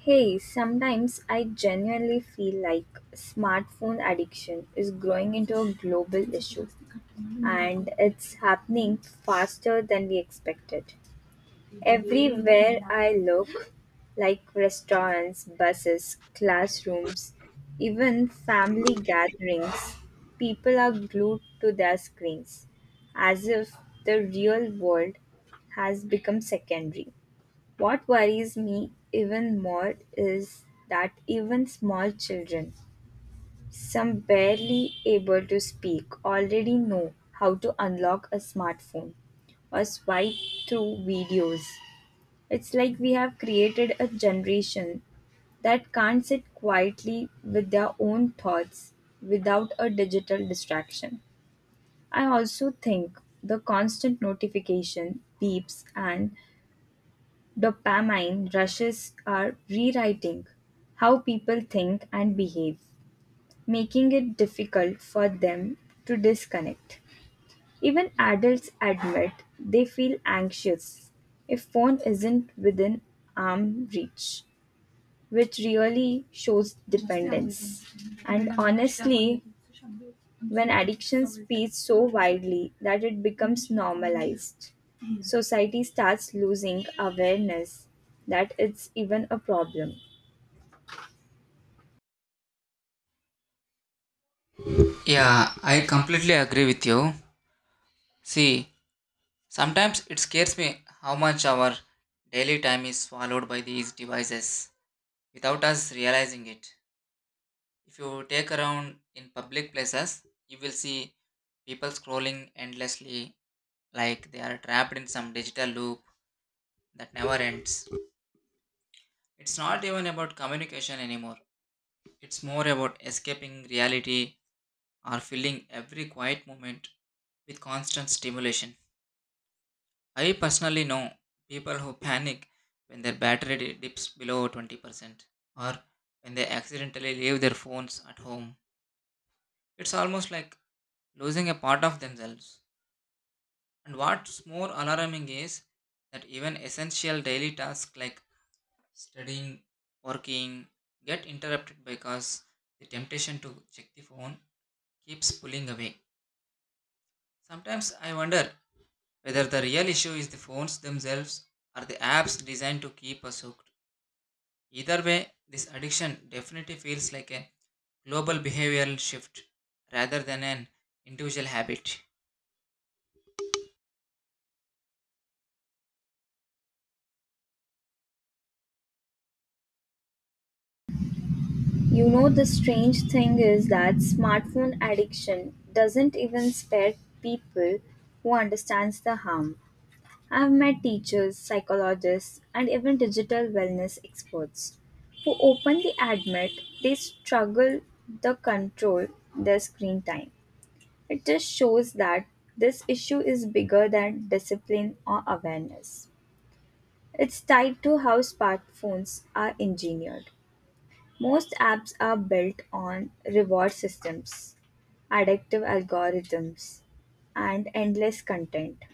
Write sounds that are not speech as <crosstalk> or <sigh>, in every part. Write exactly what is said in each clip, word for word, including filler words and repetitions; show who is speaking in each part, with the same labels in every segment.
Speaker 1: Hey, sometimes I genuinely feel like smartphone addiction is growing into a global issue and it's happening faster than we expected. Everywhere I look, like restaurants, buses, classrooms, even family gatherings, people are glued to their screens as if the real world has become secondary. What worries me even more is that even small children, some barely able to speak, already know how to unlock a smartphone or swipe through videos. It's like we have created a generation that can't sit quietly with their own thoughts without a digital distraction. I also think the constant notification, beeps, and Dopamine rushes are rewriting how people think and behave, making it difficult for them to disconnect. Even adults admit they feel anxious if phone isn't within arm reach which really shows dependence. And honestly, when addiction spreads so widely that it becomes normalized, society starts losing awareness that it's even a problem.
Speaker 2: Yeah, I completely agree with you. See, sometimes it scares me how much our daily time is swallowed by these devices without us realizing it. If you take around in public places, you will see people scrolling endlessly like they are trapped in some digital loop that never ends. It's not even about communication anymore, it's more about escaping reality or filling every quiet moment with constant stimulation. I personally know people who panic when their battery di- dips below twenty percent or when they accidentally leave their phones at home. It's almost like losing a part of themselves. And what's more alarming is that even essential daily tasks like studying, working get interrupted because the temptation to check the phone keeps pulling away. Sometimes I wonder whether the real issue is the phones themselves or the apps designed to keep us hooked. Either way, this addiction definitely feels like a global behavioral shift rather than an individual habit.
Speaker 1: You know, the strange thing is that smartphone addiction doesn't even spare people who understands the harm. I've met teachers, psychologists, and even digital wellness experts who openly admit they struggle to control their screen time. It just shows that this issue is bigger than discipline or awareness. It's tied to how smartphones are engineered. Most apps are built on reward systems, addictive algorithms, and endless content.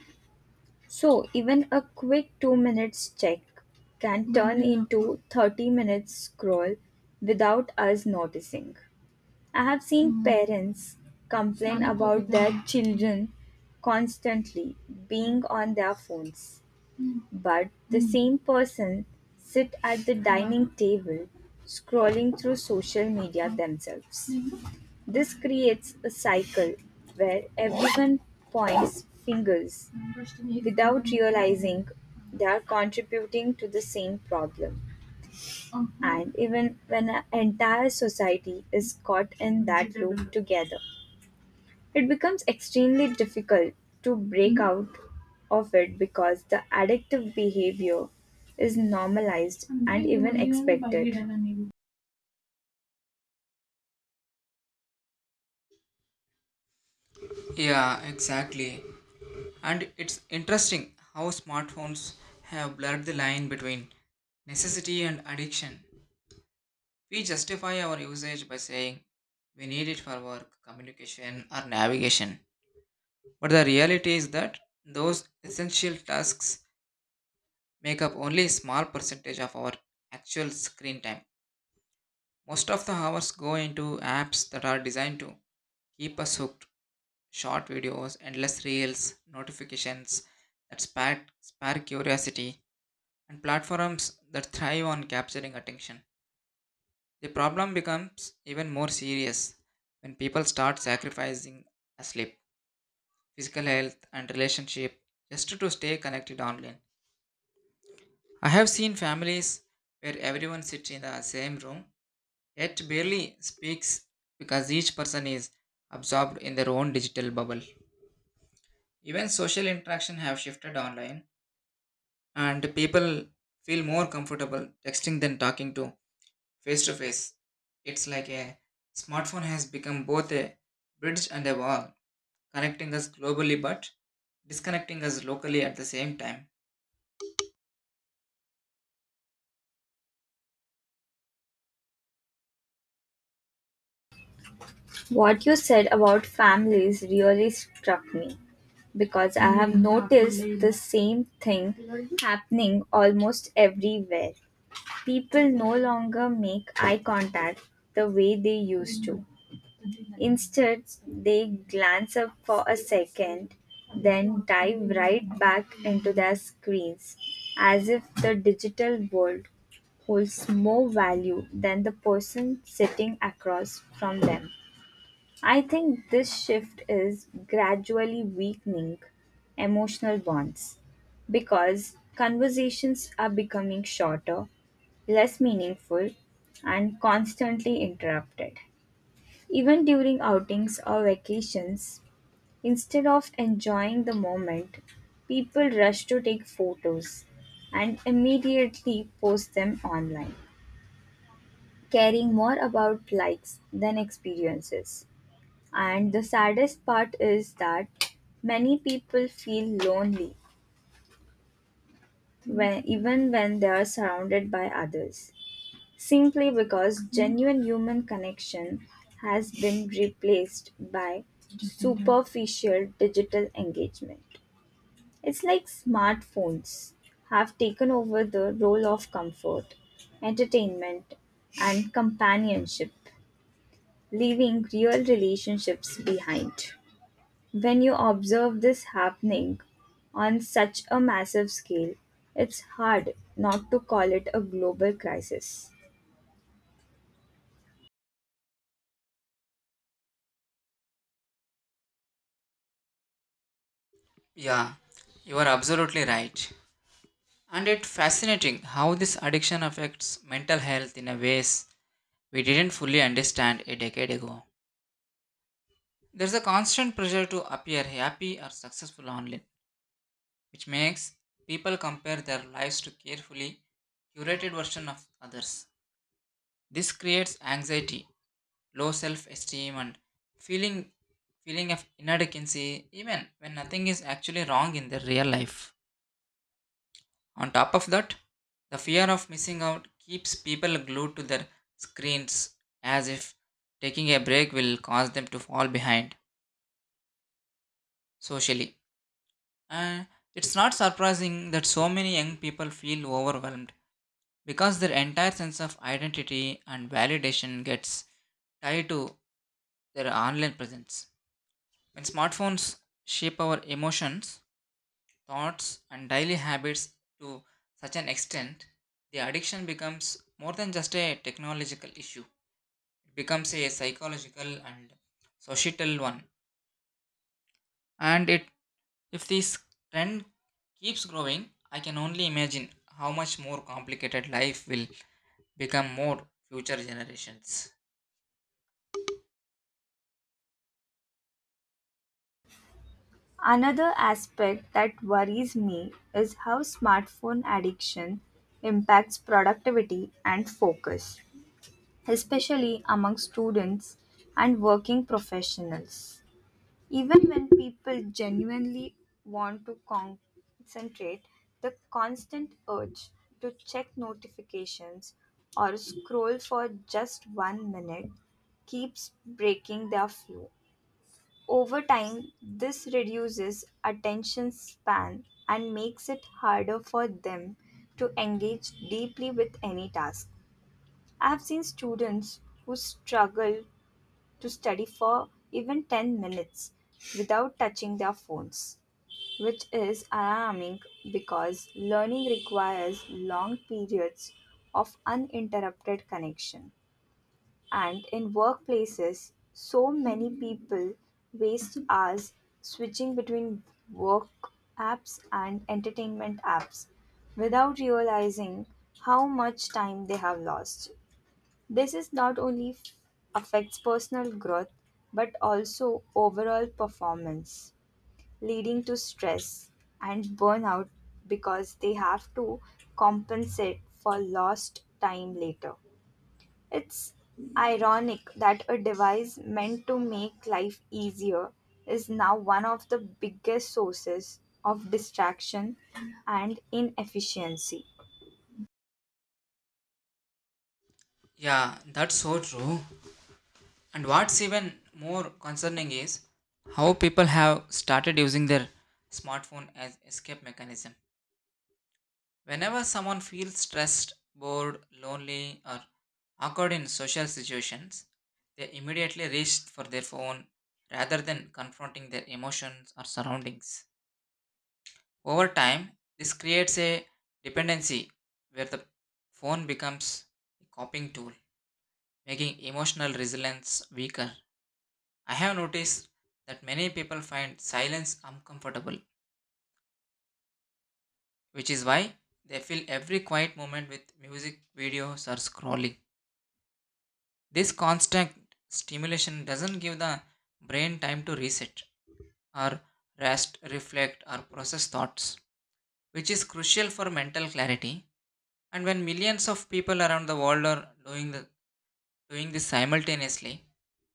Speaker 1: So, even a quick two minutes check can turn into thirty minutes scroll without us noticing. I have seen parents complain about their children constantly being on their phones, but the same person sit at the dining table scrolling through social media themselves. This creates a cycle where everyone points fingers without realizing they are contributing to the same problem. Uh-huh. And even when an entire society is caught in that loop together, it becomes extremely difficult to break out of it because the addictive behavior is normalized and even expected.
Speaker 2: Yeah, exactly. And it's interesting how smartphones have blurred the line between necessity and addiction. We justify our usage by saying we need it for work, communication, or navigation. But the reality is that those essential tasks make up only a small percentage of our actual screen time. Most of the hours go into apps that are designed to keep us hooked short videos, endless reels, notifications that spark, spark curiosity, and platforms that thrive on capturing attention. The problem becomes even more serious when people start sacrificing sleep, physical health, and relationship just to stay connected online. I have seen families where everyone sits in the same room yet barely speaks because each person is absorbed in their own digital bubble. Even social interaction have shifted online and people feel more comfortable texting than talking to face to face. It's like a smartphone has become both a bridge and a wall, connecting us globally but disconnecting us locally at the same time.
Speaker 1: What you said about families really struck me because I have noticed the same thing happening almost everywhere. People no longer make eye contact the way they used to. Instead, they glance up for a second, then dive right back into their screens, as if the digital world holds more value than the person sitting across from them. I think this shift is gradually weakening emotional bonds because conversations are becoming shorter, less meaningful, and constantly interrupted. Even during outings or vacations, instead of enjoying the moment, people rush to take photos and immediately post them online, caring more about likes than experiences. And the saddest part is that many people feel lonely when, even when they are surrounded by others, simply because genuine human connection has been replaced by superficial digital engagement. It's like smartphones have taken over the role of comfort, entertainment, and companionship, leaving real relationships behind. When you observe this happening on such a massive scale, it's hard not to call it a global crisis.
Speaker 2: Yeah, you are absolutely right. And it's fascinating how this addiction affects mental health in a ways we didn't fully understand a decade ago. There's a constant pressure to appear happy or successful online, which makes people compare their lives to carefully curated version of others. This creates anxiety, low self-esteem and feeling feeling of inadequacy even when nothing is actually wrong in their real life. On top of that, the fear of missing out keeps people glued to their screens as if taking a break will cause them to fall behind socially. And it's not surprising that so many young people feel overwhelmed because their entire sense of identity and validation gets tied to their online presence. When smartphones shape our emotions, thoughts, and daily habits to such an extent, the addiction becomes more than just a technological issue. It becomes a psychological and societal one, and it If this trend keeps growing, I can only imagine how much more complicated life will become more future generations.
Speaker 1: Another aspect that worries me is how smartphone addiction impacts productivity and focus, especially among students and working professionals. Even when people genuinely want to concentrate, the constant urge to check notifications or scroll for just one minute keeps breaking their flow. Over time, this reduces attention span and makes it harder for them to engage deeply with any task. I have seen students who struggle to study for even ten minutes without touching their phones, which is alarming because learning requires long periods of uninterrupted connection. And in workplaces, so many people waste hours switching between work apps and entertainment apps without realizing how much time they have lost. This is not only f- affects personal growth but also overall performance, leading to stress and burnout because they have to compensate for lost time later. It's ironic that a device meant to make life easier is now one of the biggest sources of distraction and inefficiency.
Speaker 2: Yeah, that's so true. And what's even more concerning is how people have started using their smartphone as escape mechanism. Whenever someone feels stressed, bored, lonely, or awkward in social situations, they immediately reach for their phone rather than confronting their emotions or surroundings. Over time, this creates a dependency where the phone becomes a coping tool, making emotional resilience weaker. I have noticed that many people find silence uncomfortable, which is why they fill every quiet moment with music, videos, or scrolling. This constant stimulation doesn't give the brain time to reset or rest, reflect, or process thoughts, which is crucial for mental clarity. And when millions of people around the world are doing, the, doing this simultaneously,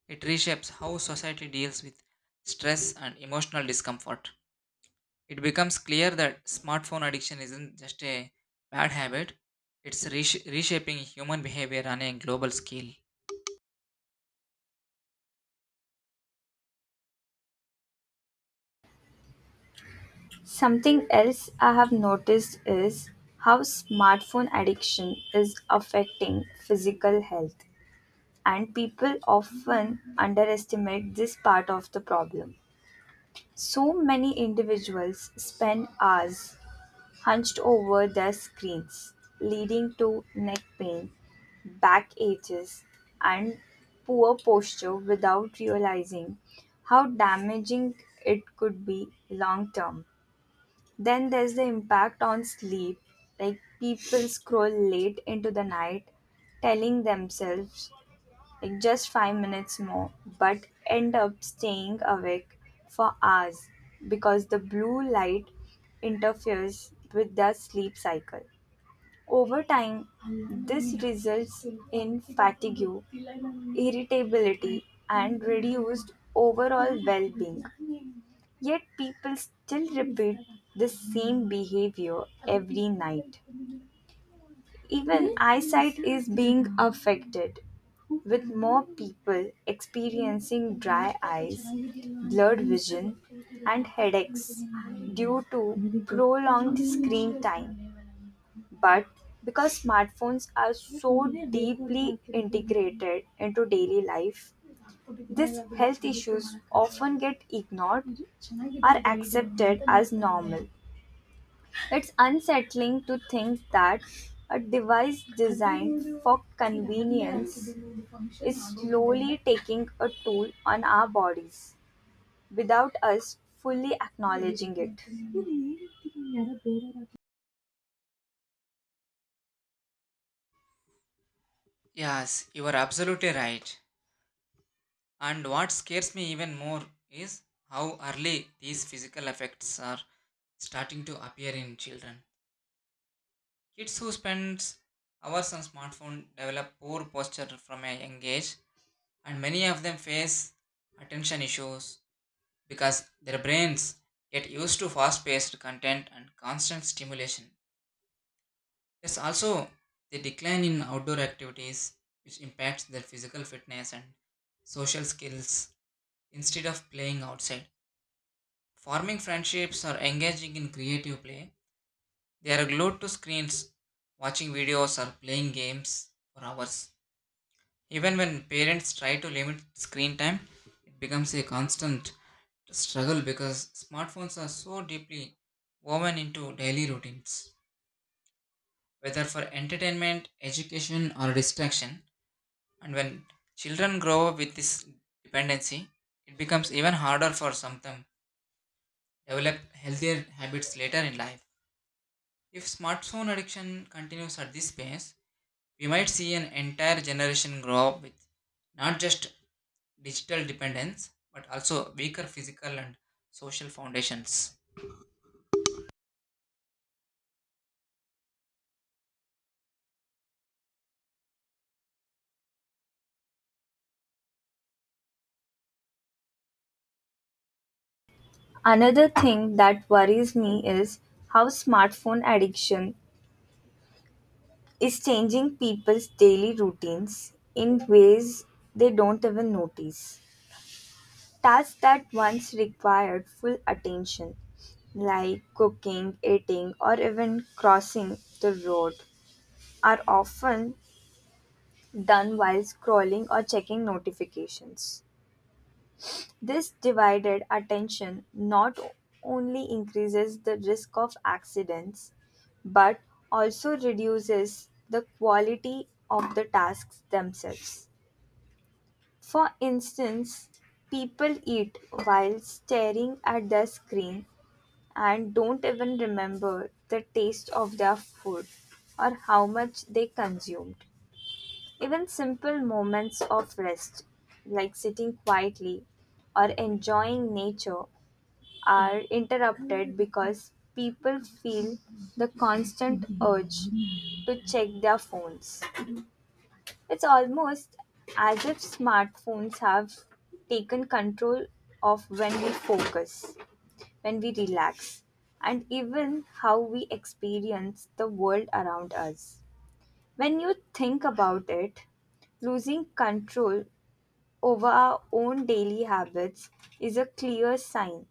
Speaker 2: it reshapes how society deals with stress and emotional discomfort. It becomes clear that smartphone addiction isn't just a bad habit, it's resh- reshaping human behavior on a global scale.
Speaker 1: Something else I have noticed is how smartphone addiction is affecting physical health, and people often underestimate this part of the problem. So many individuals spend hours hunched over their screens, leading to neck pain, back aches, and poor posture without realizing how damaging it could be long term. Then there's the impact on sleep, like people scroll late into the night, telling themselves like just five minutes more, but end up staying awake for hours because the blue light interferes with the sleep cycle. Over time, this results in fatigue, irritability, and reduced overall well being. Yet people still repeat the same behavior every night. Even eyesight is being affected, with more people experiencing dry eyes, blurred vision, and headaches due to prolonged screen time. But because smartphones are so deeply integrated into daily life, these health issues often get ignored or accepted as normal. It's unsettling to think that a device designed for convenience is slowly taking a toll on our bodies without us fully acknowledging it.
Speaker 2: Yes, you are absolutely right. And what scares me even more is how early these physical effects are starting to appear in children. Kids who spend hours on smartphone develop poor posture from a young age, and many of them face attention issues because their brains get used to fast-paced content and constant stimulation. There's also the decline in outdoor activities, which impacts their physical fitness and social skills instead of playing outside. Forming friendships or engaging in creative play, they are glued to screens, watching videos or playing games for hours. Even when parents try to limit screen time, it becomes a constant struggle because smartphones are so deeply woven into daily routines, whether for entertainment, education, or distraction. And when children grow up with this dependency, it becomes even harder for some of them develop healthier habits later in life. If smartphone addiction continues at this pace, we might see an entire generation grow up with not just digital dependence but also weaker physical and social foundations.
Speaker 1: Another thing that worries me is how smartphone addiction is changing people's daily routines in ways they don't even notice. Tasks that once required full attention, like cooking, eating, or even crossing the road, are often done while scrolling or checking notifications. This divided attention not only increases the risk of accidents but also reduces the quality of the tasks themselves. For instance, people eat while staring at their screen and don't even remember the taste of their food or how much they consumed. Even simple moments of rest, like sitting quietly or enjoying nature, are interrupted because people feel the constant urge to check their phones. It's almost as if smartphones have taken control of when we focus, when we relax, and even how we experience the world around us. When you think about it, losing control over our own daily habits is a clear sign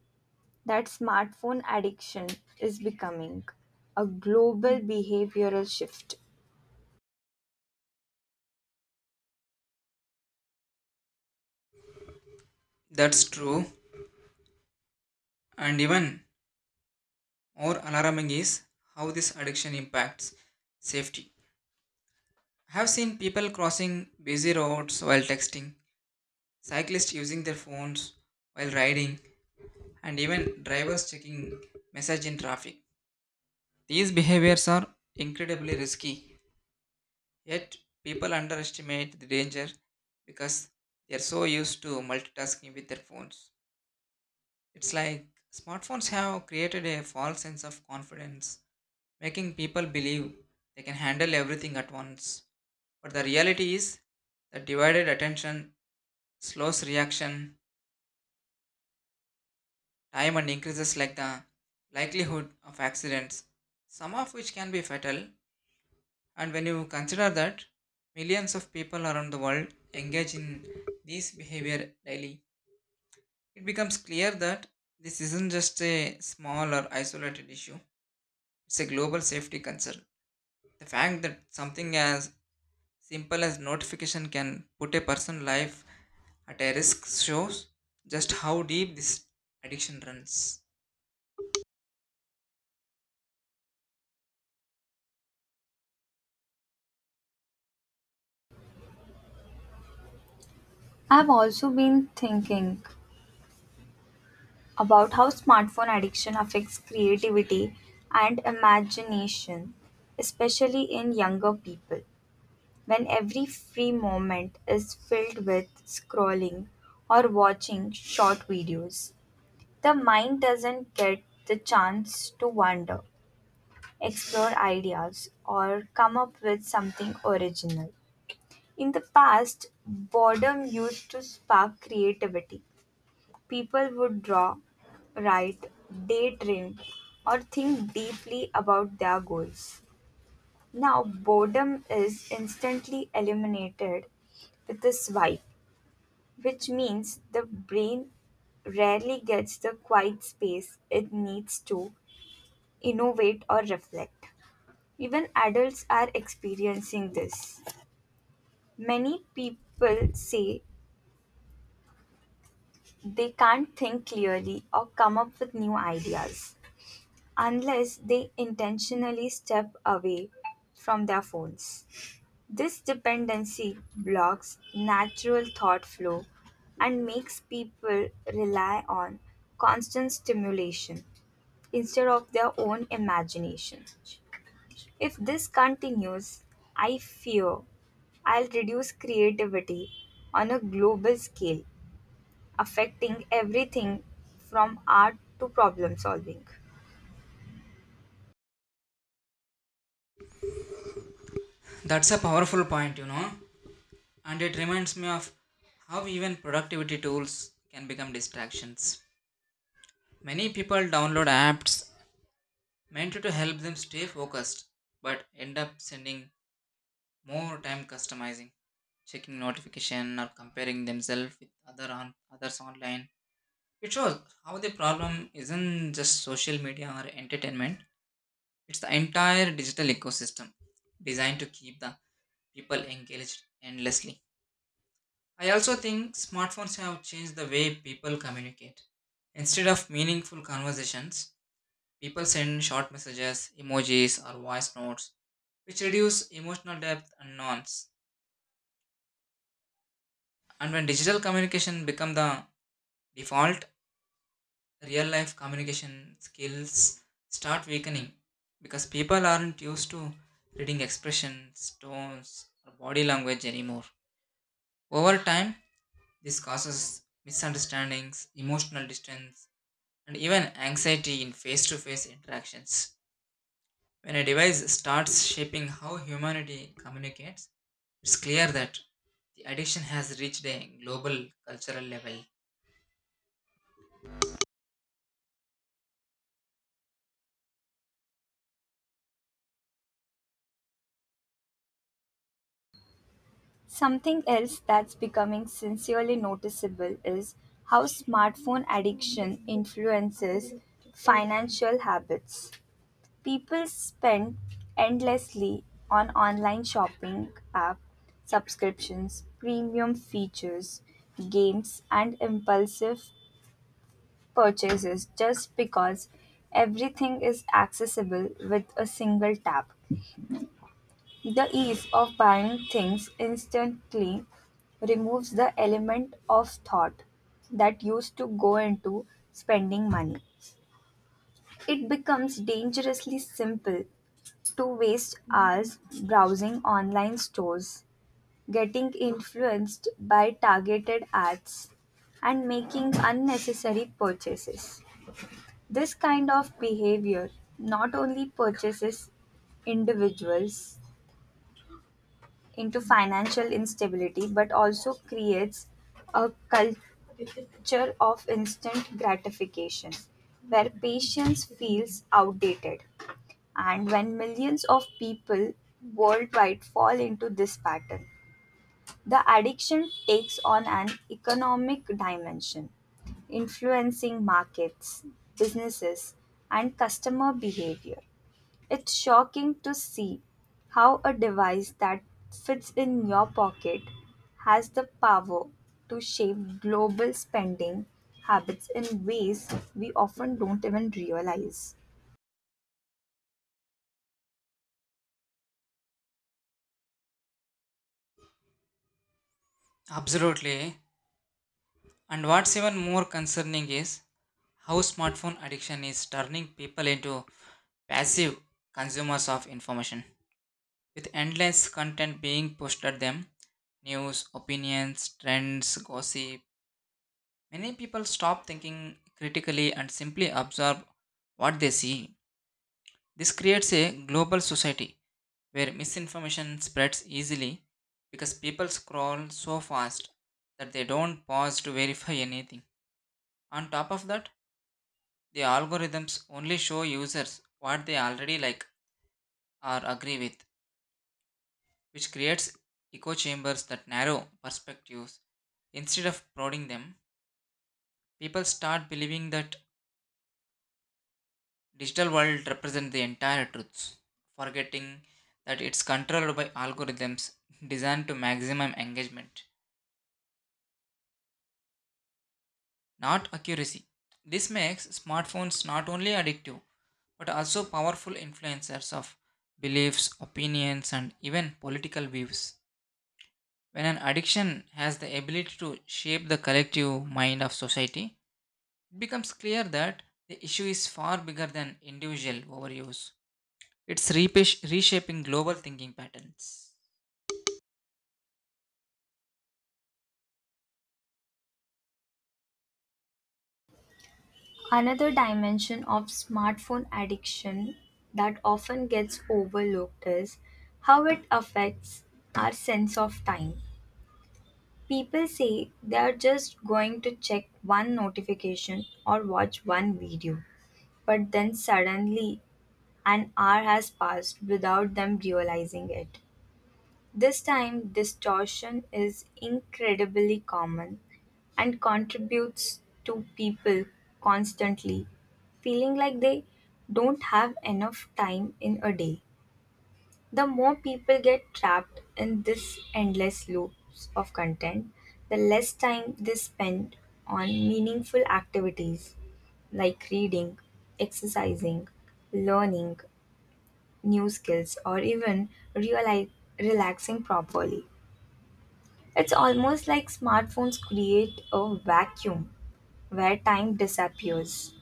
Speaker 1: that smartphone addiction is becoming a global behavioral shift.
Speaker 2: That's true, and even more alarming is how this addiction impacts safety. I have seen people crossing busy roads while texting, cyclists using their phones while riding, and even drivers checking message in traffic. These behaviors are incredibly risky, yet people underestimate the danger because they are so used to multitasking with their phones. It's like smartphones have created a false sense of confidence, making people believe they can handle everything at once. But the reality is that divided attention slows reaction time and increases like the likelihood of accidents, some of which can be fatal. And when you consider that millions of people around the world engage in this behavior daily, it becomes clear that this isn't just a small or isolated issue, it's a global safety concern. The fact that something as simple as notification can put a person's life at a risk shows just how deep this addiction runs.
Speaker 1: I've also been thinking about how smartphone addiction affects creativity and imagination, especially in younger people, when every free moment is filled with scrolling or watching short videos. The mind doesn't get the chance to wander, explore ideas, or come up with something original. In the past, boredom used to spark creativity. People would draw, write, daydream, or think deeply about their goals. Now boredom is instantly eliminated with a swipe, which means the brain rarely gets the quiet space it needs to innovate or reflect. Even adults are experiencing this. Many people say they can't think clearly or come up with new ideas unless they intentionally step away from their phones. This dependency blocks natural thought flow and makes people rely on constant stimulation instead of their own imagination. If this continues, I fear I'll reduce creativity on a global scale, affecting everything from art to problem solving.
Speaker 2: That's a powerful point, you know, and it reminds me of how even productivity tools can become distractions. Many people download apps meant to help them stay focused but end up spending more time customizing, checking notification or comparing themselves with other on, others online. It shows how the problem isn't just social media or entertainment, it's the entire digital ecosystem designed to keep the people engaged endlessly. I also think smartphones have changed the way people communicate. Instead of meaningful conversations, people send short messages, emojis, or voice notes, which reduce emotional depth and nuance. And when digital communication become the default, real life communication skills start weakening because people aren't used to reading expressions, tones, or body language anymore. Over time, this causes misunderstandings, emotional distance, and even anxiety in face to face interactions. When a device starts shaping how humanity communicates, it's clear that the addiction has reached a global cultural level.
Speaker 1: Something else that's becoming sincerely noticeable is how smartphone addiction influences financial habits. People spend endlessly on online shopping app subscriptions, premium features, games, and impulsive purchases just because everything is accessible with a single tap. The ease of buying things instantly removes the element of thought that used to go into spending money. It becomes dangerously simple to waste hours browsing online stores, getting influenced by targeted ads, and making unnecessary purchases. This kind of behavior not only purchases individuals into financial instability, but also creates a culture of instant gratification where patience feels outdated. And when millions of people worldwide fall into this pattern, the addiction takes on an economic dimension, influencing markets, businesses, and customer behavior. It's shocking to see how a device that fits in your pocket has the power to shape global spending habits in ways we often don't even realize.
Speaker 2: Absolutely. And what's even more concerning is how smartphone addiction is turning people into passive consumers of information. With endless content being pushed at them news, opinions, trends, gossip many people stop thinking critically and simply absorb what they see. This creates a global society where misinformation spreads easily because people scroll so fast that they don't pause to verify anything. On top of that, the algorithms only show users what they already like or agree with, which creates echo chambers that narrow perspectives. Instead of prodding them, people start believing that digital world represents the entire truths, forgetting that it's controlled by algorithms <laughs> designed to maximum engagement, not accuracy. This makes smartphones not only addictive but also powerful influencers of beliefs, opinions, and even political views. When an addiction has the ability to shape the collective mind of society, it becomes clear that the issue is far bigger than individual overuse. It's repish- reshaping global thinking patterns.
Speaker 1: Another dimension of smartphone addiction that often gets overlooked is how it affects our sense of time. People say they are just going to check one notification or watch one video, but then suddenly an hour has passed without them realizing it. This time, distortion is incredibly common and contributes to people constantly feeling like they don't have enough time in a day. The more people get trapped in this endless loops of content, the less time they spend on meaningful activities like reading, exercising, learning new skills, or even reali- relaxing properly. It's almost like smartphones create a vacuum where time disappears,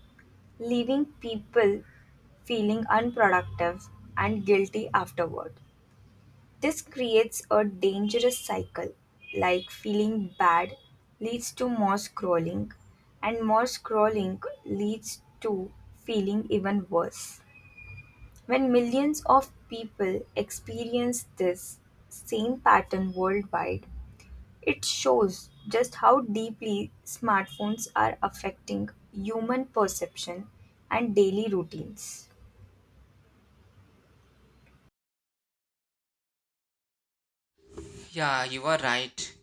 Speaker 1: leaving people feeling unproductive and guilty afterward. This creates a dangerous cycle, like feeling bad leads to more scrolling, and more scrolling leads to feeling even worse. When millions of people experience this same pattern worldwide, it shows just how deeply smartphones are affecting human perception and daily routines.
Speaker 2: Yeah, you are right.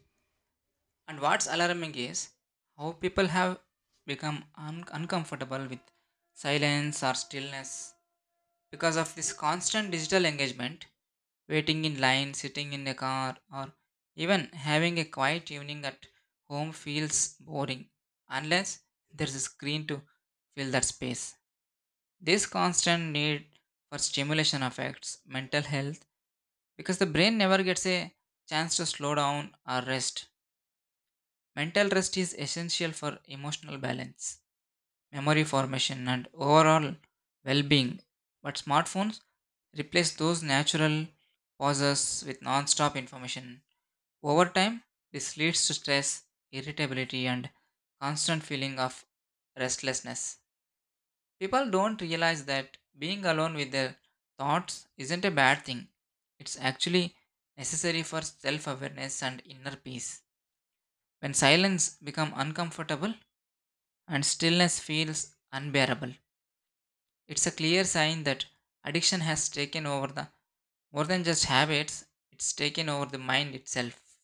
Speaker 2: And what's alarming is how people have become un- uncomfortable with silence or stillness because of this constant digital engagement, waiting in line, sitting in a car, or even having a quiet evening at home feels boring unless there's a screen to fill that space. This constant need for stimulation affects mental health because the brain never gets a chance to slow down or rest. Mental rest is essential for emotional balance, memory formation, and overall well being. But smartphones replace those natural pauses with non stop information. Over time, this leads to stress, irritability, and constant feeling of restlessness. People don't realize that being alone with their thoughts isn't a bad thing. It's actually necessary for self awareness and inner peace. When silence becomes uncomfortable and stillness feels unbearable, it's a clear sign that addiction has taken over the more than just habits, it's taken over the mind itself.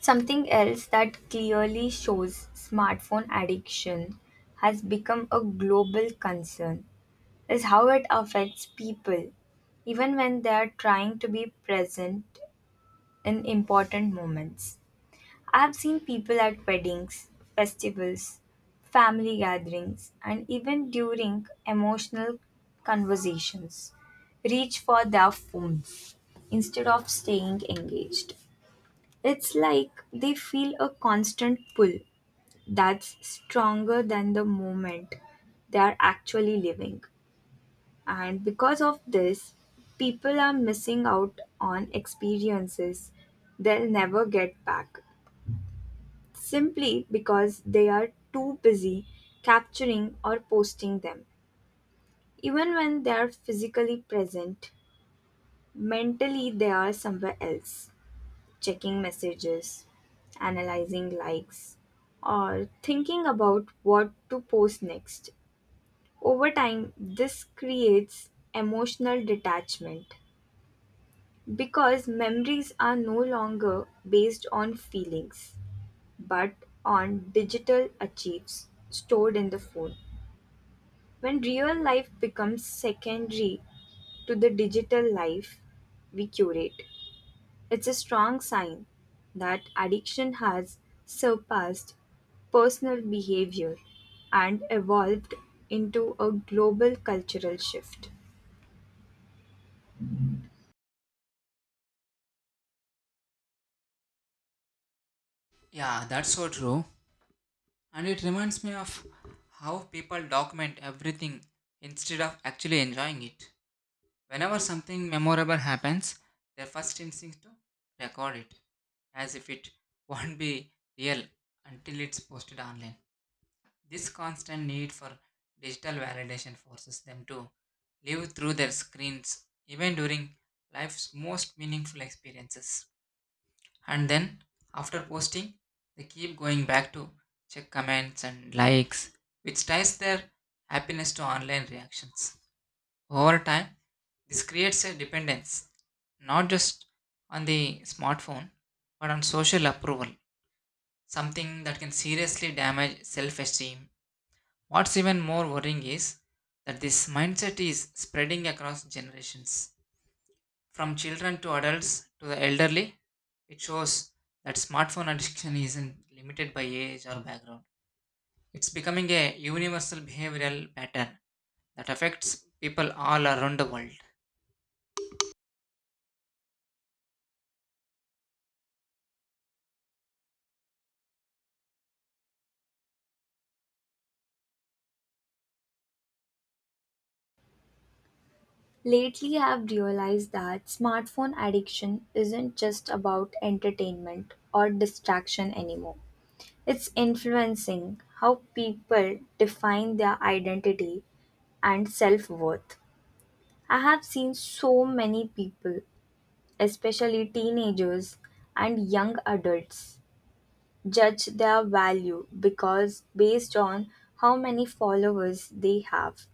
Speaker 1: Something else that clearly shows smartphone addiction has become a global concern is how it affects people, even when they are trying to be present in important moments. I've seen people at weddings, festivals, family gatherings, and even during emotional conversations reach for their phones instead of staying engaged. It's like they feel a constant pull that's stronger than the moment they are actually living. And because of this, people are missing out on experiences they'll never get back simply because they are too busy capturing or posting them. Even when they are physically present, mentally they are somewhere else, checking messages, analyzing likes, or thinking about what to post next. Over time, this creates emotional detachment because memories are no longer based on feelings but on digital achieves stored in the phone. When real life becomes secondary to the digital life we curate, it's a strong sign that addiction has surpassed personal behavior and evolved into a global cultural shift.
Speaker 2: Yeah, that's so true. And it reminds me of how people document everything instead of actually enjoying it. Whenever something memorable happens, their first instinct to record it as if it <laughs> won't be real until it's posted online. This constant need for digital validation forces them to live through their screens even during life's most meaningful experiences. And then, after posting, they keep going back to check comments and likes, which ties their happiness to online reactions. Over time, this creates a dependence not just on the smartphone but on social approval, something that can seriously damage self esteem. What's even more worrying is that this mindset is spreading across generations from children to adults to the elderly. It shows that smartphone addiction isn't limited by age or background, it's becoming a universal behavioral pattern that affects people all around the world.
Speaker 1: Lately, I've realized that smartphone addiction isn't just about entertainment or distraction anymore. It's influencing how people define their identity and self worth. I have seen so many people, especially teenagers and young adults, judge their value because based on how many followers they have,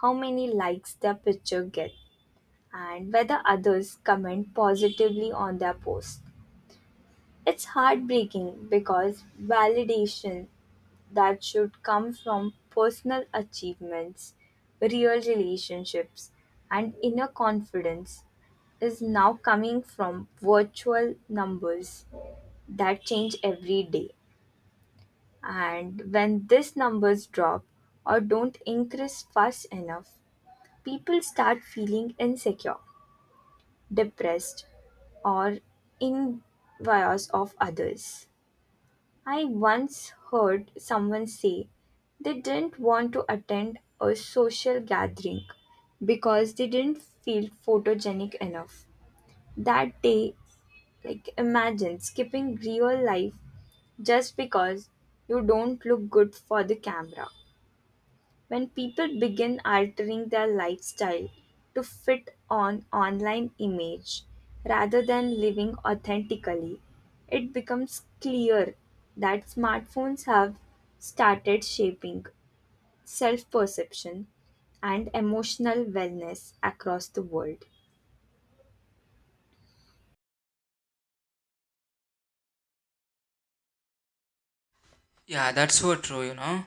Speaker 1: how many likes their picture get, and whether others comment positively on their post. It's heartbreaking because validation that should come from personal achievements, real relationships, and inner confidence is now coming from virtual numbers that change every day. And when these numbers drop or don't increase fast enough, people start feeling insecure, depressed, or envious of others. I once heard someone say they didn't want to attend a social gathering because they didn't feel photogenic enough. That day, like, imagine skipping real life just because you don't look good for the camera. When people begin altering their lifestyle to fit an online image rather than living authentically, it becomes clear that smartphones have started shaping self perception and emotional wellness across the world.
Speaker 2: Yeah, that's so true, you know,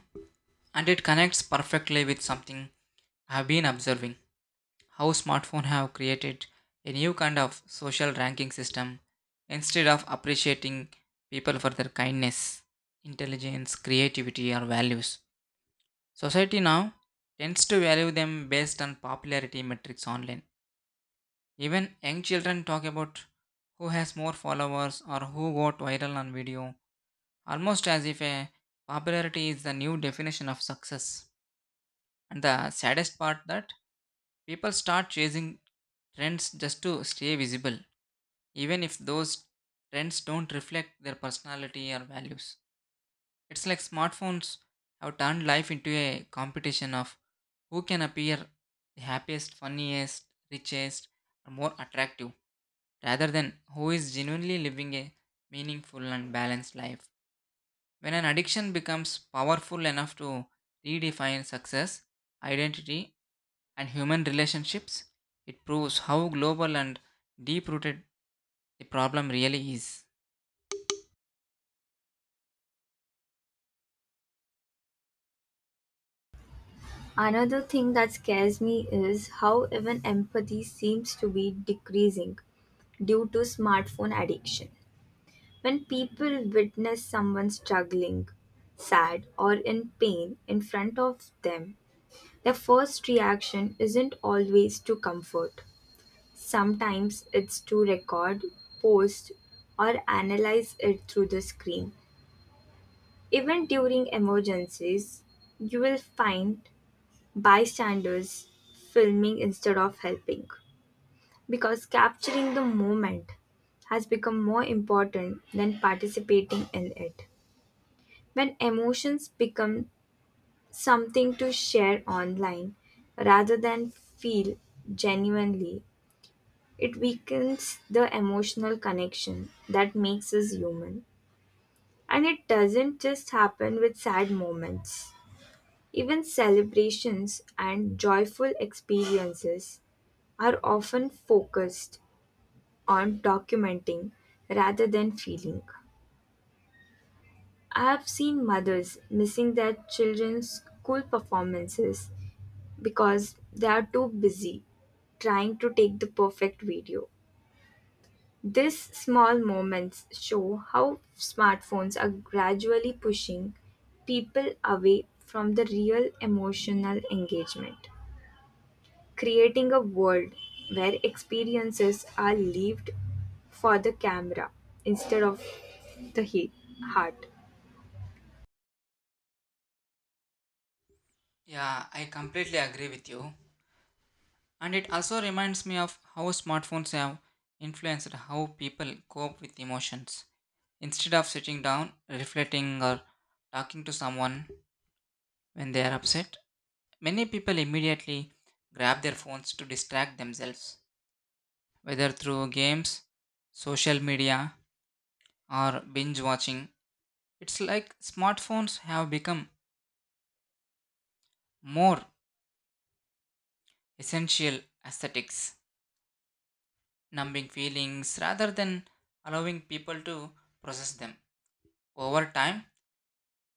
Speaker 2: and it connects perfectly with something I've been observing how smartphones have created a new kind of social ranking system instead of appreciating people for their kindness, intelligence, creativity or values. Society now tends to value them based on popularity metrics online. Even young children talk about who has more followers or who got viral on video, almost as if a popularity is the new definition of success. And the saddest part that people start chasing trends just to stay visible, even if those trends don't reflect their personality or values. It's like smartphones have turned life into a competition of who can appear the happiest, funniest, richest, or more attractive, rather than who is genuinely living a meaningful and balanced life. When an addiction becomes powerful enough to redefine success, identity, and human relationships, it proves how global and deep rooted the problem really is.
Speaker 1: Another thing that scares me is how even empathy seems to be decreasing due to smartphone addiction. When people witness someone struggling, sad, or in pain in front of them, their first reaction isn't always to comfort. Sometimes it's to record, post, or analyze it through the screen. Even during emergencies, you will find bystanders filming instead of helping because capturing the moment has become more important than participating in it. When emotions become something to share online rather than feel genuinely, it weakens the emotional connection that makes us human. And it doesn't just happen with sad moments. Even celebrations and joyful experiences are often focused on documenting rather than feeling. I have seen mothers missing their children's school performances because they are too busy trying to take the perfect video. These small moments show how smartphones are gradually pushing people away from the real emotional engagement, creating a world where experiences are lived for the camera instead of the he- heart.
Speaker 2: Yeah, I completely agree with you. And it also reminds me of how smartphones have influenced how people cope with emotions. Instead of sitting down, reflecting, or talking to someone when they are upset, many people immediately grab their phones to distract themselves, whether through games, social media, or binge watching. It's like smartphones have become more essential aesthetics, numbing feelings rather than allowing people to process them. Over time,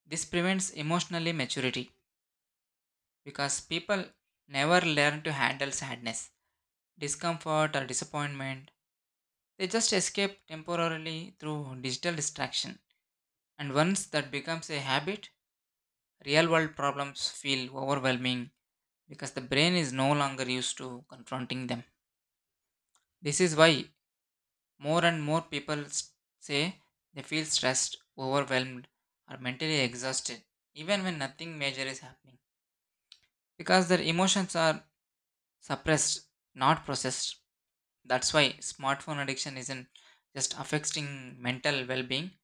Speaker 2: this prevents emotionally maturity because people never learn to handle sadness, discomfort, or disappointment. They just escape temporarily through digital distraction. And once that becomes a habit, real world problems feel overwhelming because the brain is no longer used to confronting them. This is why more and more people s- say they feel stressed, overwhelmed, or mentally exhausted, even when nothing major is happening, because their emotions are suppressed, not processed. That's why smartphone addiction isn't just affecting mental well being,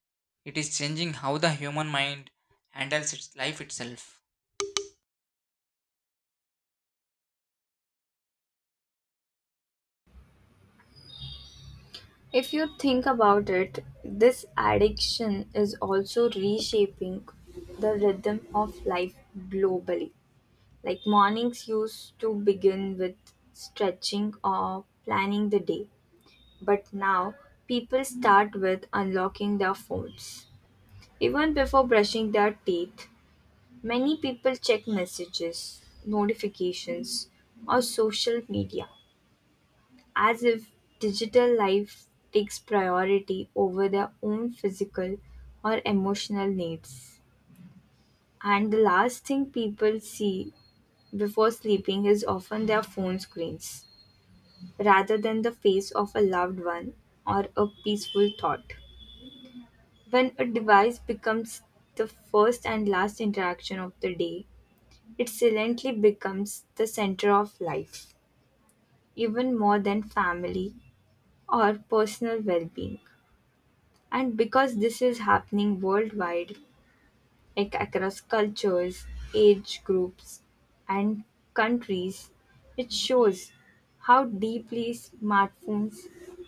Speaker 2: it is changing how the human mind handles its life itself.
Speaker 1: If you think about it, this addiction is also reshaping the rhythm of life globally. Like, mornings used to begin with stretching or planning the day, but now people start with unlocking their phones. Even before brushing their teeth, many people check messages, notifications, or social media, as if digital life takes priority over their own physical or emotional needs. And the last thing people see before sleeping is often their phone screens, rather than the face of a loved one or a peaceful thought. When a device becomes the first and last interaction of the day, it silently becomes the center of life, even more than family or personal well being. And because this is happening worldwide, like across cultures, age groups, and countries, it shows how deeply smartphones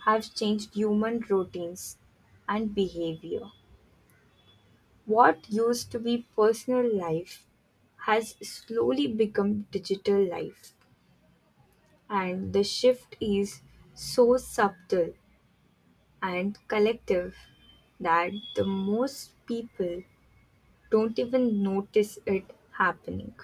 Speaker 1: have changed human routines and behavior. What used to be personal life has slowly become digital life, and the shift is so subtle and collective that the most people don't even notice it happening.